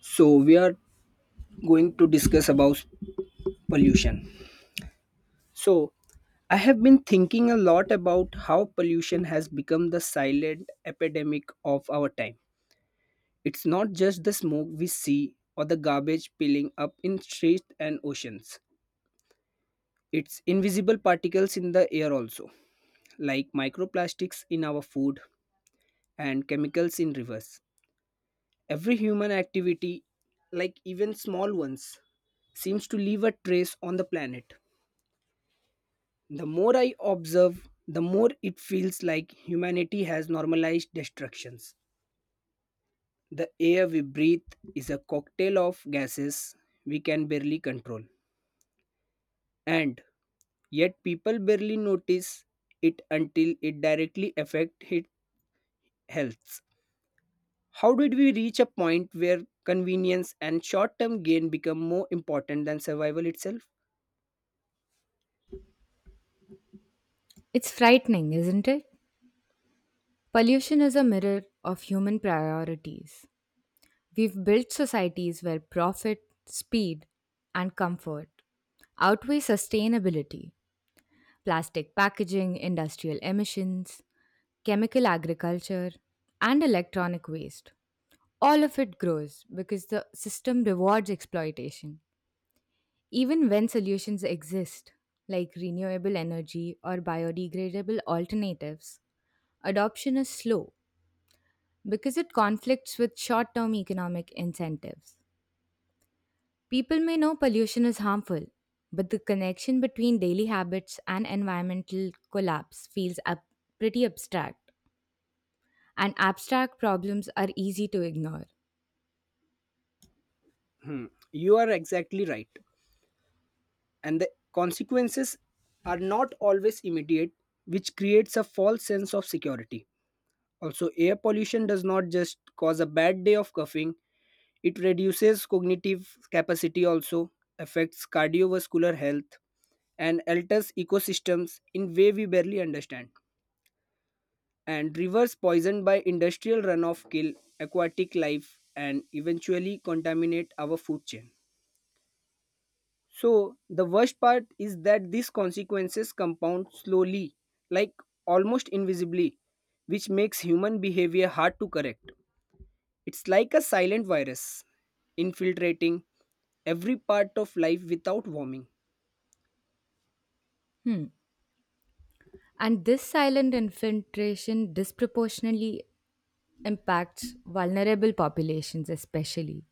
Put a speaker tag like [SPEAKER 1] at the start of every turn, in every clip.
[SPEAKER 1] So we are going to discuss about pollution. So I have been thinking a lot about how pollution has become the silent epidemic of our time. It's not just the smoke we see or the garbage piling up in streets and oceans. It's invisible particles in the air also, like microplastics in our food and chemicals in rivers. Every human activity, like even small ones, seems to leave a trace on the planet. The more I observe, the more it feels like humanity has normalized destructions. The air we breathe is a cocktail of gases we can barely control, and yet people barely notice it until it directly affects its health. How did we reach a point where convenience and short term gain become more important than survival itself?
[SPEAKER 2] It's frightening, isn't it? Pollution is a mirror of human priorities. We've built societies where profit, speed, and comfort outweigh sustainability. Plastic packaging, industrial emissions, chemical agriculture, and electronic waste. All of it grows because the system rewards exploitation, even when solutions exist, like renewable energy or biodegradable alternatives. Adoption is slow because it conflicts with short term economic incentives. People may know pollution is harmful, but the connection between daily habits and environmental collapse feels pretty abstract, and abstract problems are easy to ignore.
[SPEAKER 1] Hmm. You are exactly right. And the consequences are not always immediate, which creates a false sense of security. Also, air pollution does not just cause a bad day of coughing, it reduces cognitive capacity, also affects cardiovascular health, and alters ecosystems in way we barely understand. And rivers poisoned by industrial runoff kill aquatic life and eventually contaminate our food chain. So the worst part is that these consequences compound slowly, like almost invisibly, which makes human behavior hard to correct. It's like a silent virus infiltrating every part of life without warming.
[SPEAKER 2] Hmm. And this silent infiltration disproportionately impacts vulnerable populations, especially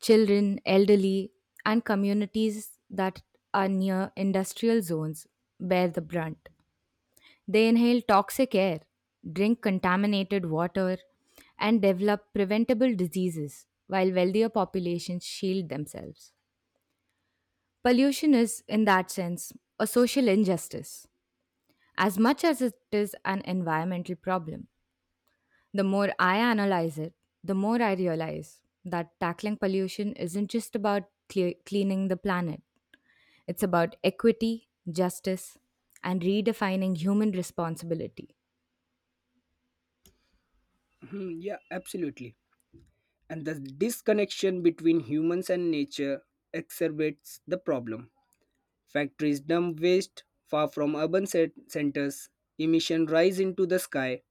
[SPEAKER 2] children, elderly, and communities that are near industrial zones bear the brunt. They inhale toxic air, drink contaminated water, and develop preventable diseases, while wealthier populations shield themselves. Pollution is, in that sense, a social injustice, as much as it is an environmental problem. The more I analyze it, the more I realize that tackling pollution isn't just about cleaning the planet, it's about equity, justice, and redefining human responsibility.
[SPEAKER 1] Mhm, yeah, absolutely. And the disconnection between humans and nature exacerbates the problem. Factories dump waste far from centers. Emission rise into the sky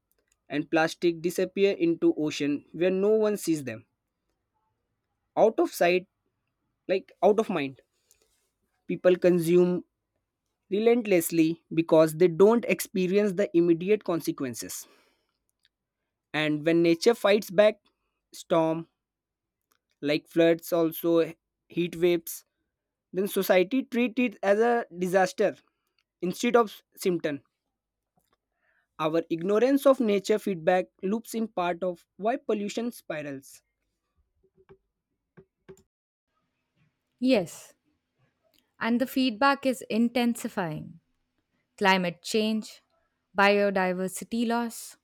[SPEAKER 1] and plastic disappear into ocean where no one sees them. Out of sight, like out of mind. People consume relentlessly because they don't experience the immediate consequences. And when nature fights back, storm like floods also heat waves, then society treat it as a disaster instead of symptom. Our ignorance of nature feedback loops in part of why pollution spirals.
[SPEAKER 2] Yes, and the feedback is intensifying climate change, biodiversity loss,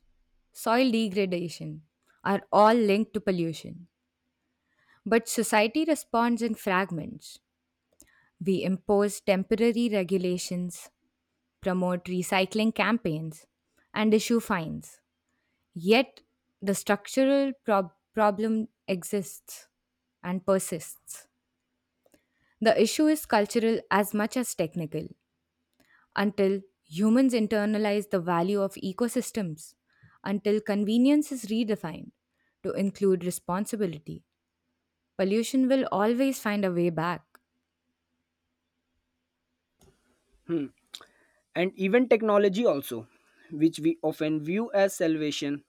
[SPEAKER 2] soil degradation are all linked to pollution. But society responds in fragments. We impose temporary regulations, promote recycling campaigns, and issue fines. Yet, the structural problem exists and persists. The issue is cultural as much as technical. Until humans internalize the value of ecosystems, until convenience is redefined to include responsibility, pollution will always find a way back.
[SPEAKER 1] Hmm. And even technology also, which we often view as salvation,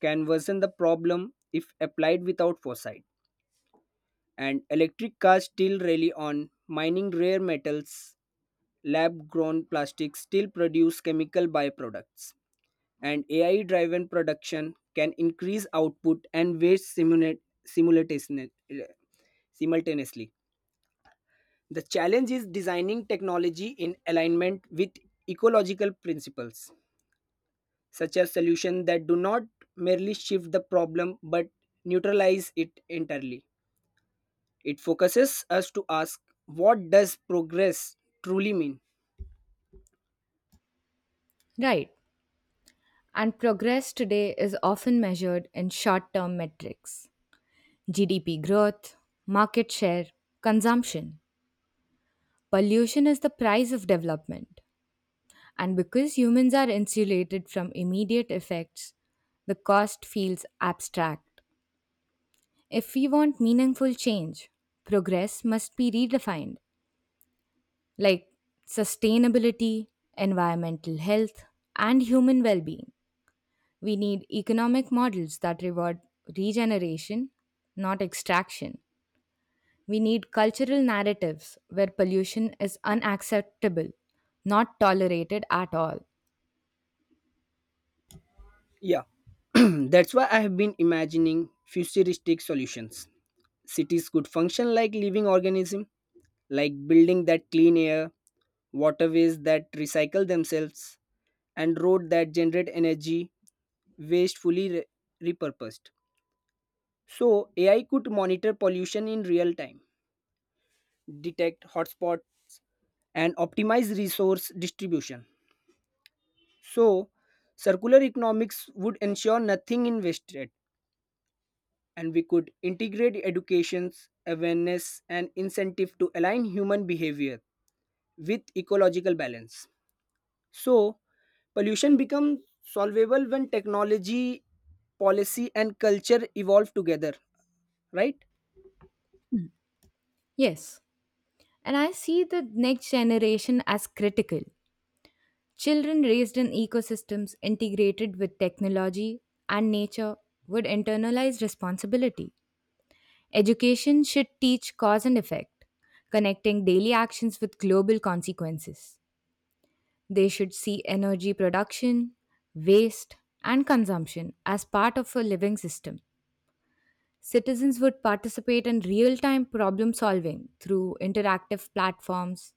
[SPEAKER 1] can worsen the problem if applied without foresight. And electric cars still rely on mining rare metals, lab grown plastics still produce chemical byproducts. And AI driven production can increase output and waste simultaneously. The challenge is designing technology in alignment with ecological principles, such as solutions that do not merely shift the problem but neutralize it entirely. It focuses us to ask, what does progress truly mean?
[SPEAKER 2] Right. And progress today is often measured in short term metrics, GDP growth, market share, consumption. Pollution is the price of development. And because humans are insulated from immediate effects, the cost feels abstract. If we want meaningful change, progress must be redefined, like sustainability, environmental health, and human well being. We need economic models that reward regeneration, not extraction. We need cultural narratives where pollution is unacceptable, not tolerated at all.
[SPEAKER 1] Yeah, that's why I have been imagining futuristic solutions. Cities could function like living organisms, like building that clean air, waterways that recycle themselves, and road that generate energy waste fully repurposed. So AI could monitor pollution in real time, detect hotspots, and optimize resource distribution. So circular economics would ensure nothing is wasted, and we could integrate educations, awareness, and incentive to align human behavior with ecological balance. So, pollution becomes solvable when technology, policy, and culture evolve together, right?
[SPEAKER 2] Yes, and I see the next generation as critical. Children raised in ecosystems integrated with technology and nature would internalize responsibility. Education should teach cause and effect, connecting daily actions with global consequences. They should see energy production, waste, and consumption as part of a living system. Citizens would participate in real time problem solving through interactive platforms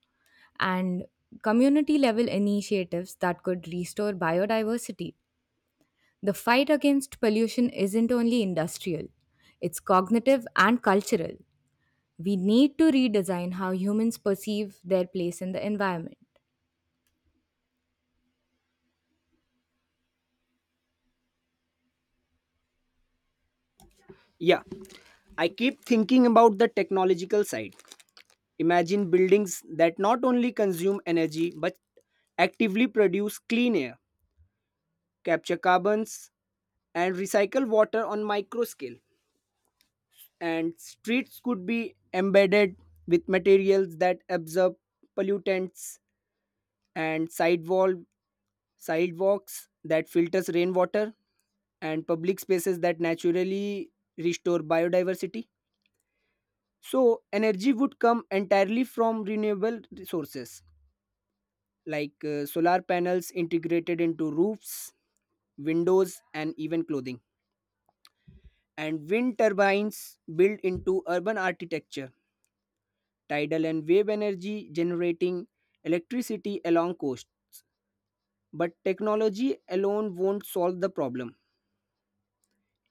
[SPEAKER 2] and community level initiatives that could restore biodiversity. The fight against pollution isn't only industrial, it's cognitive and cultural. We need to redesign how humans perceive their place in the environment.
[SPEAKER 1] Yeah, I keep thinking about the technological side. Imagine buildings that not only consume energy but actively produce clean air, capture carbons, and recycle water on micro scale. And streets could be embedded with materials that absorb pollutants, and sidewalks that filters rainwater and public spaces that naturally restore biodiversity. So energy would come entirely from renewable resources like solar panels integrated into roofs, windows, and even clothing, and wind turbines built into urban architecture, tidal and wave energy generating electricity along coasts. But technology alone won't solve the problem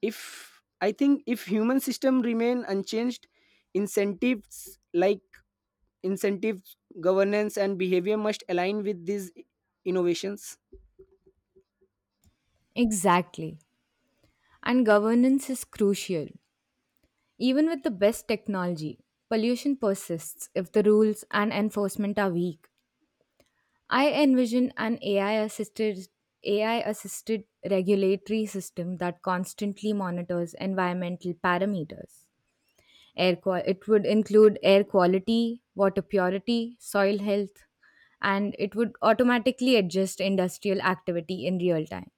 [SPEAKER 1] if, I think, if human system remain unchanged. Incentives like incentives, governance, and behavior must align with these innovations.
[SPEAKER 2] Exactly. And governance is crucial. Even with the best technology, pollution persists if the rules and enforcement are weak. I envision an AI assisted regulatory system that constantly monitors environmental parameters. It would include air quality, water purity, soil health, and it would automatically adjust industrial activity in real time.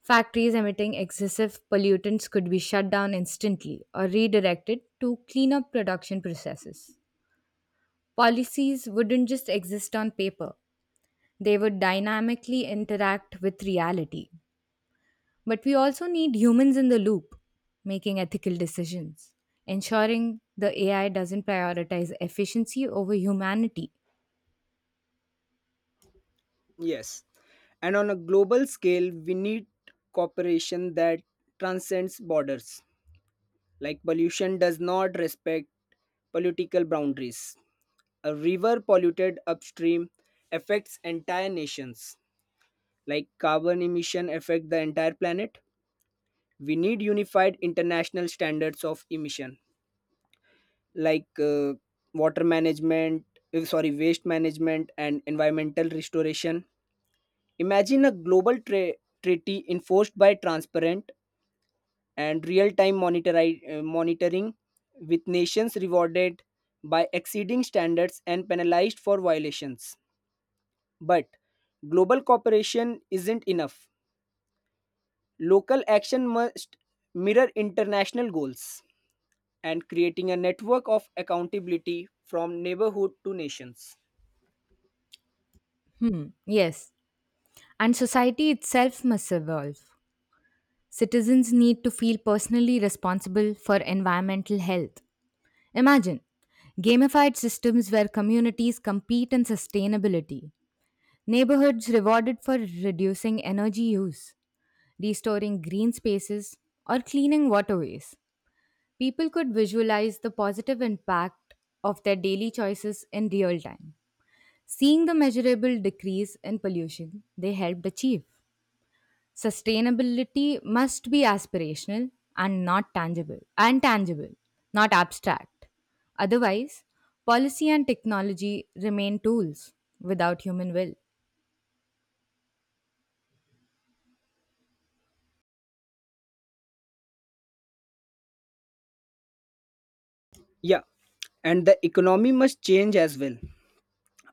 [SPEAKER 2] Factories emitting excessive pollutants could be shut down instantly or redirected to clean up production processes. Policies wouldn't just exist on paper, they would dynamically interact with reality. But we also need humans in the loop, making ethical decisions, ensuring the AI doesn't prioritize efficiency over humanity.
[SPEAKER 1] Yes, and on a global scale we need cooperation that transcends borders, like pollution does not respect political boundaries. A river polluted upstream affects entire nations, like carbon emission affect the entire planet. We need unified international standards of emission, like water management, sorry, waste management and environmental restoration. Imagine a global treaty enforced by transparent and real-time monitoring, with nations rewarded by exceeding standards and penalized for violations. But global cooperation isn't enough. Local action must mirror international goals, and creating a network of accountability from neighborhood to nations.
[SPEAKER 2] Hmm, yes. And society itself must evolve. Citizens need to feel personally responsible for environmental health. Imagine gamified systems where communities compete in sustainability, neighborhoods rewarded for reducing energy use, restoring green spaces, or cleaning waterways. People could visualize the positive impact of their daily choices in real time, seeing the measurable decrease in pollution they helped achieve. Sustainability must be aspirational and tangible, not abstract. Otherwise, policy and technology remain tools without human will.
[SPEAKER 1] Yeah, and the economy must change as well.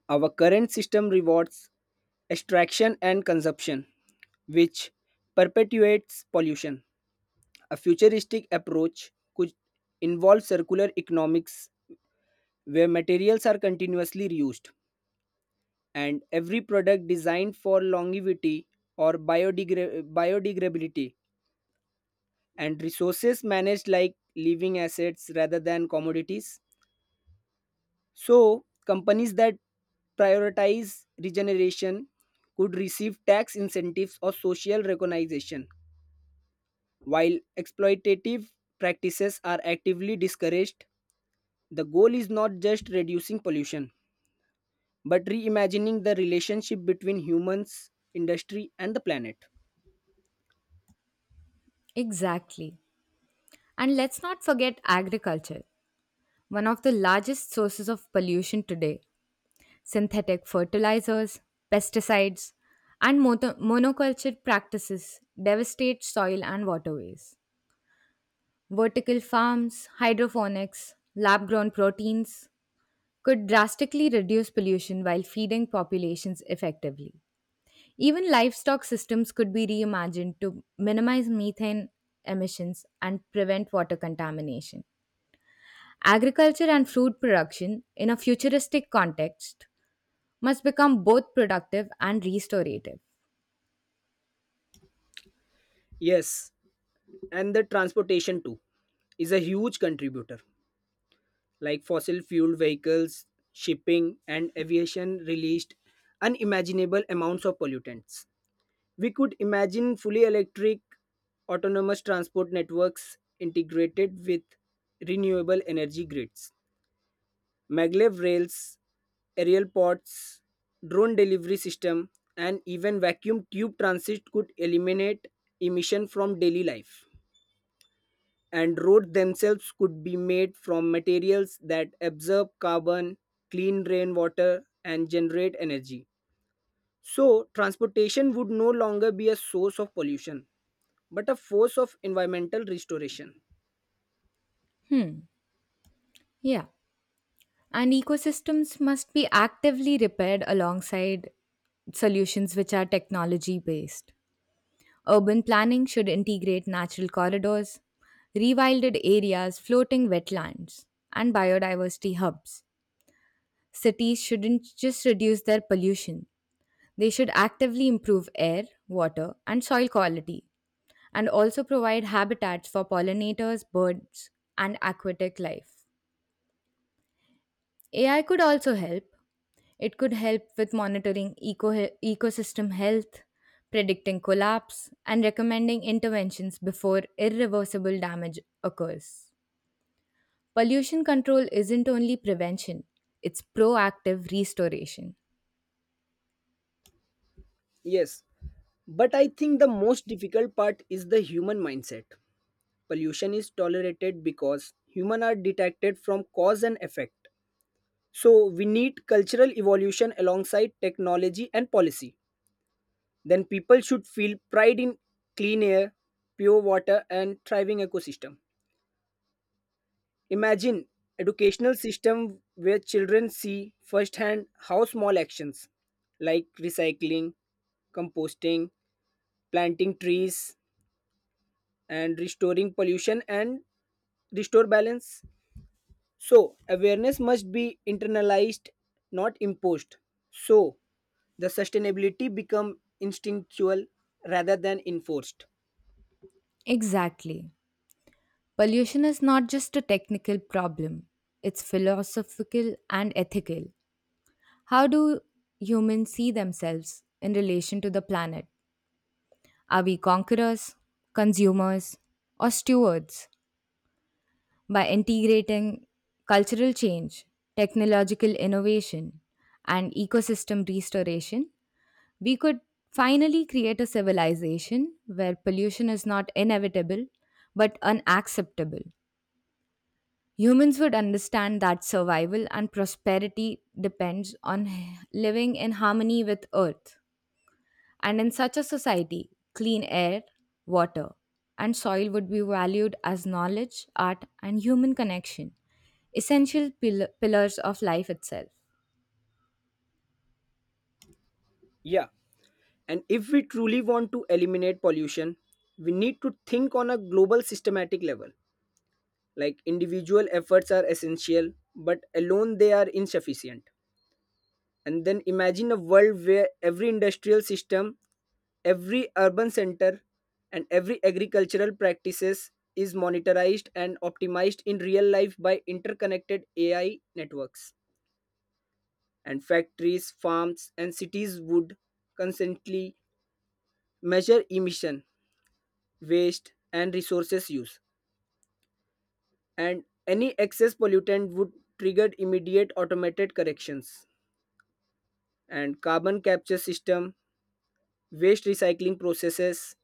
[SPEAKER 1] Our current system rewards extraction and consumption, which perpetuates pollution. A futuristic approach could involve circular economics where materials are continuously reused and every product designed for longevity or biodegradability, and resources managed like living assets rather than commodities. So, companies that prioritize regeneration could receive tax incentives or social recognition, while exploitative practices are actively discouraged. The goal is not just reducing pollution, but reimagining the relationship between humans, industry, and the planet.
[SPEAKER 2] Exactly. And let's not forget agriculture, one of the largest sources of pollution today. Synthetic fertilizers, pesticides, and monoculture practices devastate soil and waterways. Vertical farms, hydroponics, lab grown proteins could drastically reduce pollution while feeding populations effectively. Even livestock systems could be reimagined to minimize methane emissions and prevent water contamination. Agriculture and food production, in a futuristic context, must become both productive and restorative.
[SPEAKER 1] Yes, and the transportation too is a huge contributor, like fossil fueled vehicles, shipping, and aviation released unimaginable amounts of pollutants. We could imagine fully electric, autonomous transport networks integrated with renewable energy grids, maglev rails, aerial pods, drone delivery system, and even vacuum tube transit could eliminate emission from daily life, and roads themselves could be made from materials that absorb carbon, clean rainwater, and generate energy. So, transportation would no longer be a source of pollution, but a force of environmental restoration.
[SPEAKER 2] Yeah. And ecosystems must be actively repaired alongside solutions which are technology based. Urban planning should integrate natural corridors, rewilded areas, floating wetlands, and biodiversity hubs. Cities shouldn't just reduce their pollution, they should actively improve air, water, and soil quality, and also provide habitats for pollinators, birds, and aquatic life. AI could also help. It could help with monitoring ecosystem health, predicting collapse, and recommending interventions before irreversible damage occurs. Pollution control isn't only prevention, it's proactive restoration.
[SPEAKER 1] Yes, but I think the most difficult part is the human mindset. Pollution is tolerated because humans are detected from cause and effect. So, we need cultural evolution alongside technology and policy. Then people should feel pride in clean air, pure water, and thriving ecosystem. Imagine educational system where children see firsthand how small actions like recycling, composting, planting trees, and restoring pollution and restore balance. So awareness must be internalized, not imposed. So the sustainability become instinctual rather than enforced.
[SPEAKER 2] Exactly. Pollution is not just a technical problem, it's philosophical and ethical. How do humans see themselves in relation to the planet? Are we conquerors, consumers, or stewards? By integrating cultural change, technological innovation, and ecosystem restoration, we could finally create a civilization where pollution is not inevitable but unacceptable. Humans would understand that survival and prosperity depends on living in harmony with Earth. And in such a society, clean air, water, and soil would be valued as knowledge, art, and human connection, essential pillars of life itself.
[SPEAKER 1] Yeah. And if we truly want to eliminate pollution, we need to think on a global systematic level. Like individual efforts are essential, but alone they are insufficient. And then imagine a world where every industrial system, every urban center, and every agricultural practices is monitored and optimized in real life by interconnected AI networks. And factories, farms, and cities would constantly measure emission, waste, and resources use, and any excess pollutant would trigger immediate automated corrections. And carbon capture system, waste recycling processes,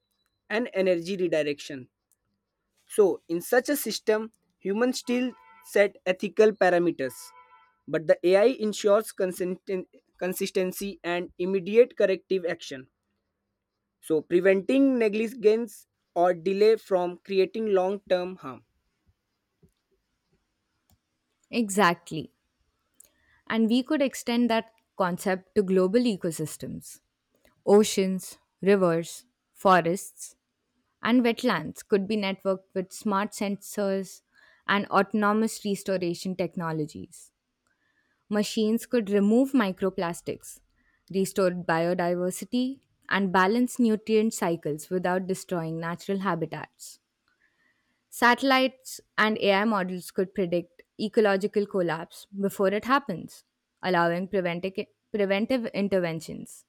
[SPEAKER 1] and energy redirection. So, in such a system, humans still set ethical parameters, but the AI ensures consistency and immediate corrective action. So, preventing negligence or delay from creating long term harm.
[SPEAKER 2] Exactly. And we could extend that concept to global ecosystems. Oceans, rivers, forests, and wetlands could be networked with smart sensors and autonomous restoration technologies. Machines could remove microplastics, restore biodiversity, and balance nutrient cycles without destroying natural habitats. Satellites and AI models could predict ecological collapse before it happens, allowing preventive interventions.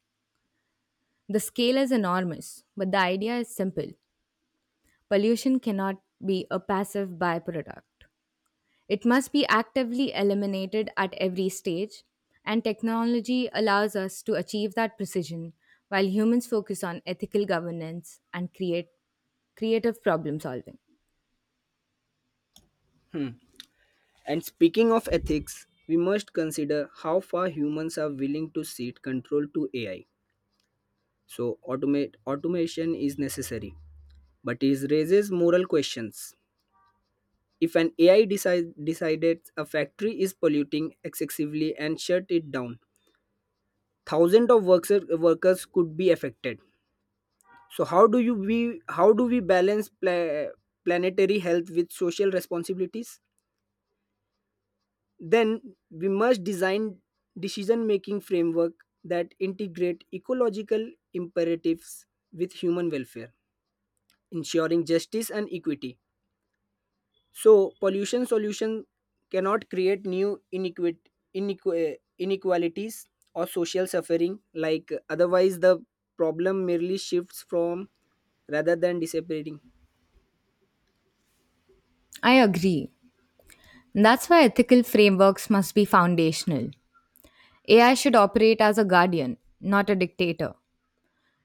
[SPEAKER 2] The scale is enormous, but the idea is simple: pollution cannot be a passive byproduct. It must be actively eliminated at every stage, and technology allows us to achieve that precision while humans focus on ethical governance and create creative problem solving.
[SPEAKER 1] And speaking of ethics, we must consider how far humans are willing to cede control to AI. So, automation is necessary, but it raises moral questions. If an AI decided a factory is polluting excessively and shut it down, thousands of workers could be affected. So, how do we balance planetary health with social responsibilities? Then we must design decision making framework that integrate ecological imperatives with human welfare, ensuring justice and equity, so pollution solution cannot create new inequalities or social suffering, like otherwise the problem merely shifts from rather than disappearing.
[SPEAKER 2] I agree. And that's why ethical frameworks must be foundational. AI should operate as a guardian, not a dictator.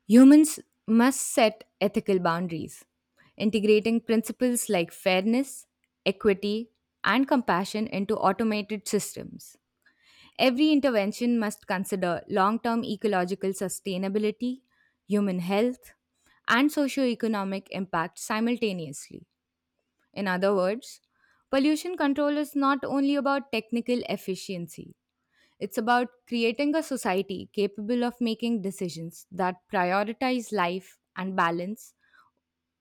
[SPEAKER 2] Humans must set ethical boundaries, integrating principles like fairness, equity, and compassion into automated systems. Every intervention must consider long term ecological sustainability, human health, and socio-economic impact simultaneously. In other words, pollution control is not only about technical efficiency, it's about creating a society capable of making decisions that prioritize life and balance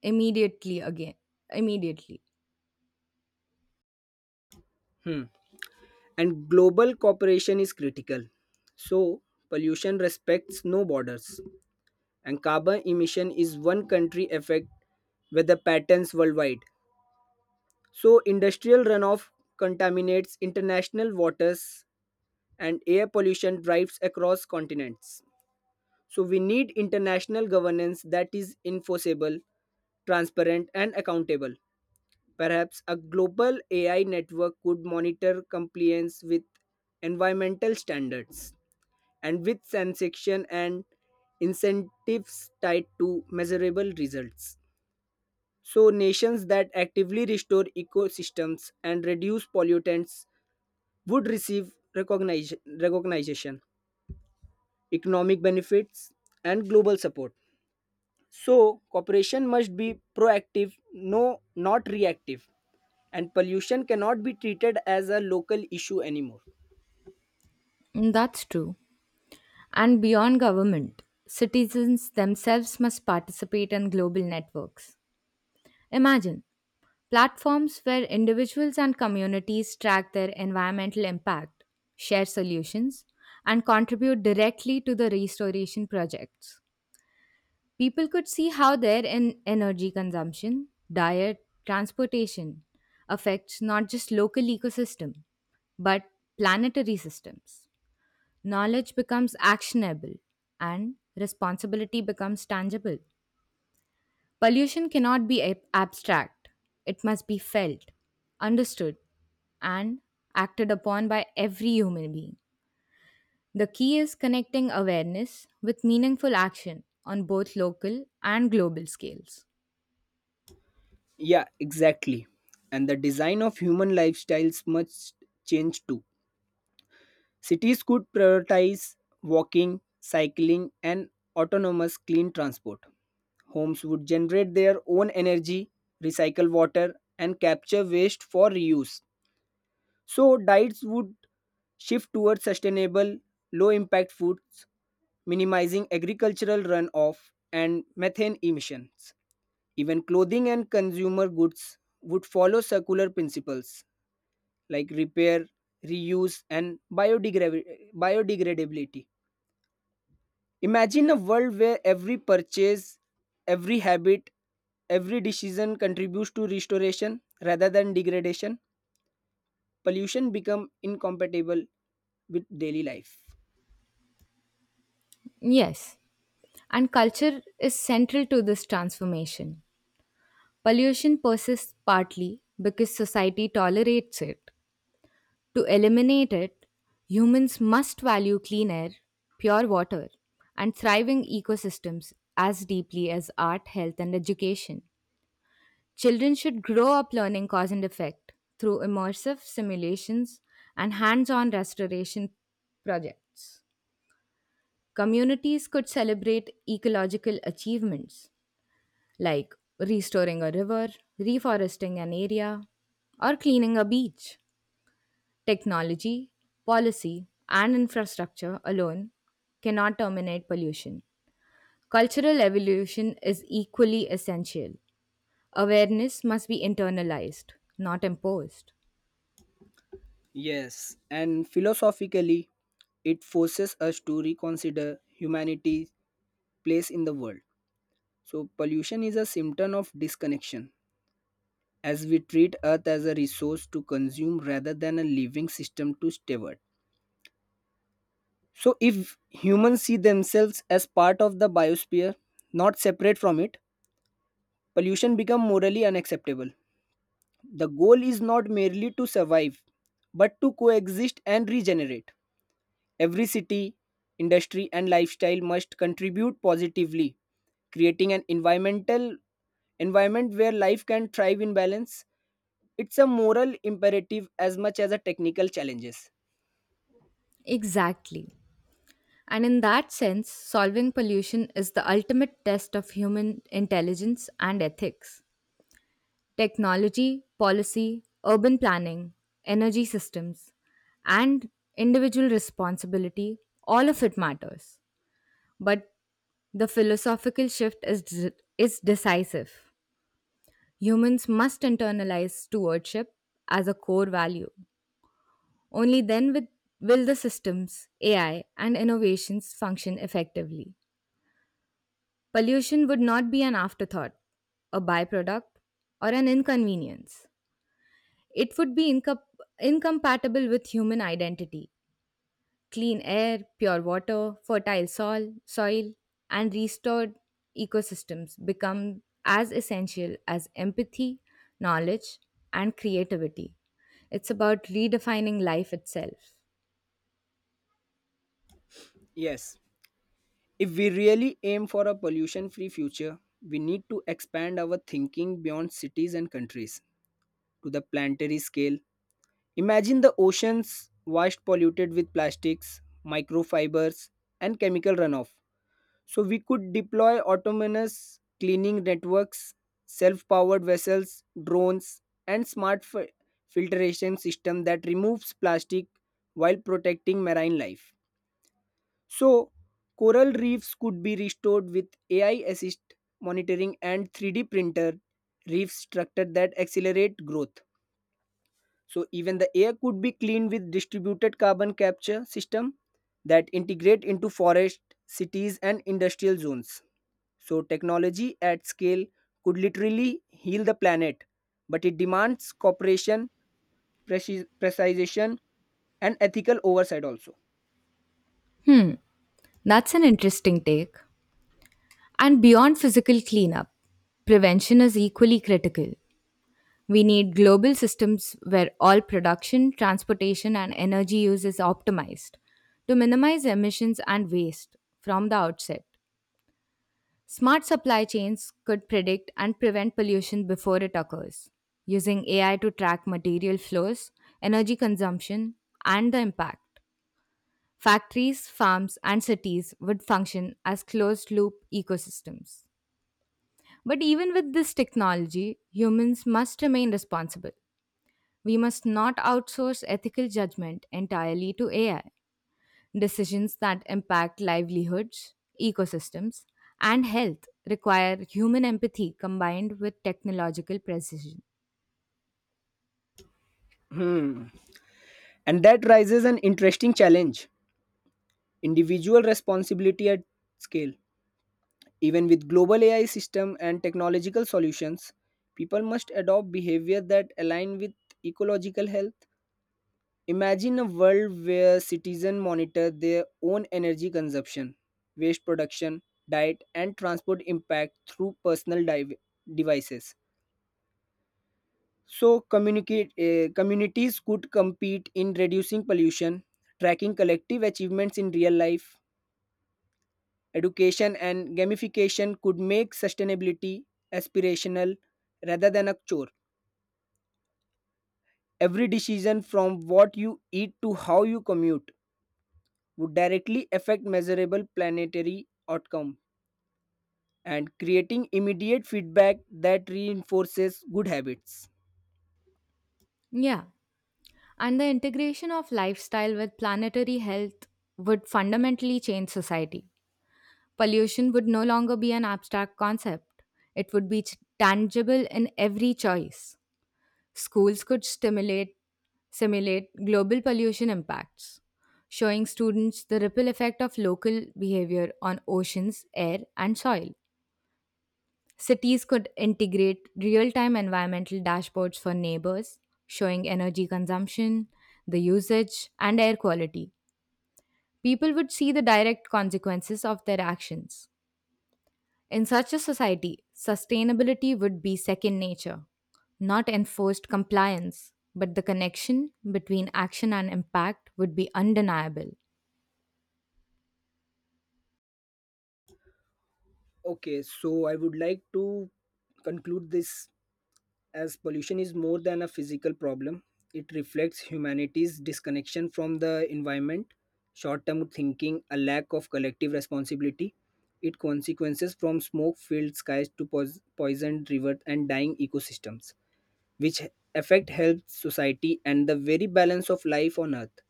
[SPEAKER 2] immediately again. Immediately.
[SPEAKER 1] Hmm. And global cooperation is critical. So pollution respects no borders, and carbon emission is one country effect weather patterns worldwide. So industrial runoff contaminates international waters and air pollution drives across continents. So we need international governance that is enforceable, transparent, and accountable. Perhaps a global AI network could monitor compliance with environmental standards and with sanction and incentives tied to measurable results. So, nations that actively restore ecosystems and reduce pollutants would receive recognition, economic benefits, and global support. So, cooperation must be proactive, no, not reactive, and pollution cannot be treated as a local issue anymore.
[SPEAKER 2] Mm, that's true. And beyond government, citizens themselves must participate in global networks. Imagine platforms where individuals and communities track their environmental impact, share solutions, and contribute directly to the restoration projects. People could see how their energy consumption, diet, transportation affects not just local ecosystem but planetary systems. Knowledge becomes actionable and responsibility becomes tangible. Pollution cannot be abstract, it must be felt, understood, and acted upon by every human being. The key is connecting awareness with meaningful action on both local and global scales.
[SPEAKER 1] Yeah, exactly. And the design of human lifestyles must change too. Cities could prioritize walking, cycling, and autonomous clean transport. Homes would generate their own energy, recycle water, and capture waste for reuse. So, diets would shift towards sustainable, low impact foods, minimizing agricultural runoff and methane emissions. Even clothing and consumer goods would follow circular principles like repair, reuse, and biodegradability. Imagine a world where every purchase, every habit, every decision contributes to restoration rather than degradation. Pollution become incompatible with daily life.
[SPEAKER 2] Yes, and culture is central to this transformation. Pollution persists partly because society tolerates it. To eliminate it, humans must value clean air, pure water, and thriving ecosystems as deeply as art, health, and education. Children should grow up learning cause and effect through immersive simulations and hands on restoration projects. Communities could celebrate ecological achievements like restoring a river, reforesting an area, or cleaning a beach. Technology, policy, and infrastructure alone cannot terminate pollution. Cultural evolution is equally essential. Awareness must be internalized, not imposed.
[SPEAKER 1] Yes, and philosophically, it forces us to reconsider humanity's place in the world. So, pollution is a symptom of disconnection as we treat Earth as a resource to consume rather than a living system to steward. So, if humans see themselves as part of the biosphere, not separate from it, pollution becomes morally unacceptable. The goal is not merely to survive, but to coexist and regenerate. Every city, industry, and lifestyle must contribute positively, creating an environment where life can thrive in balance. It's a moral imperative as much as a technical challenges.
[SPEAKER 2] Exactly. And in that sense, solving pollution is the ultimate test of human intelligence and ethics. Technology, policy, urban planning, energy systems, and individual responsibility, all of it matters. But the philosophical shift is, decisive. Humans must internalize stewardship as a core value. Only then will the systems, AI, and innovations function effectively. Pollution would not be an afterthought, a byproduct, or an inconvenience. It would be incompatible with human identity. Clean air, pure water, fertile soil, and restored ecosystems become as essential as empathy, knowledge, and creativity. It's about redefining life itself.
[SPEAKER 1] Yes. If we really aim for a pollution free future, we need to expand our thinking beyond cities and countries to the planetary scale. Imagine the oceans washed polluted with plastics, microfibers, and chemical runoff. So we could deploy autonomous cleaning networks, self powered vessels, drones, and smart filtration system that removes plastic while protecting marine life. So, coral reefs could be restored with AI assist monitoring and 3D printer reef structure that accelerate growth. So, even the air could be cleaned with distributed carbon capture system that integrate into forest, cities, and industrial zones. So, technology at scale could literally heal the planet, but it demands cooperation, precision, and ethical oversight also.
[SPEAKER 2] That's an interesting take. And beyond physical cleanup, prevention is equally critical. We need global systems where all production, transportation, and energy use is optimized to minimize emissions and waste from the outset. Smart supply chains could predict and prevent pollution before it occurs, using AI to track material flows, energy consumption, and the impact. Factories, farms, and cities would function as closed loop ecosystems. But even with this technology, humans must remain responsible. We must not outsource ethical judgment entirely to AI. Decisions that impact livelihoods, ecosystems, and health require human empathy combined with technological precision.
[SPEAKER 1] Hmm. And that raises an interesting challenge, individual responsibility at scale. Even with global AI system and technological solutions, people must adopt behavior that align with ecological health. Imagine a world where citizens monitor their own energy consumption, waste production, diet, and transport impact through personal devices. So, communities could compete in reducing pollution, tracking collective achievements in real life. Education and gamification could make sustainability aspirational rather than a chore. Every decision, from what you eat to how you commute, would directly affect measurable planetary outcome, and creating immediate feedback that reinforces good habits.
[SPEAKER 2] Yeah. And the integration of lifestyle with planetary health would fundamentally change society. Pollution would no longer be an abstract concept, it would be tangible in every choice. Schools could stimulate simulate global pollution impacts, showing students the ripple effect of local behavior on oceans, air, and soil. Cities could integrate real time environmental dashboards for neighbors, showing energy consumption, the usage, and air quality. People would see the direct consequences of their actions. In such a society, sustainability would be second nature, not enforced compliance, but the connection between action and impact would be undeniable.
[SPEAKER 1] Okay, so I would like to conclude this as pollution is more than a physical problem. It reflects humanity's disconnection from the environment, short term thinking, a lack of collective responsibility. It consequences from smoke filled skies to poisoned rivers and dying ecosystems, which affect health, society, and the very balance of life on earth.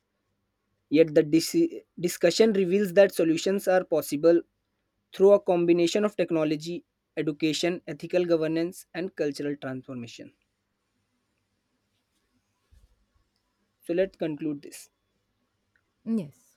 [SPEAKER 1] Yet the discussion reveals that solutions are possible through a combination of technology, education, ethical governance, and cultural transformation. So let's conclude this.
[SPEAKER 2] Yes.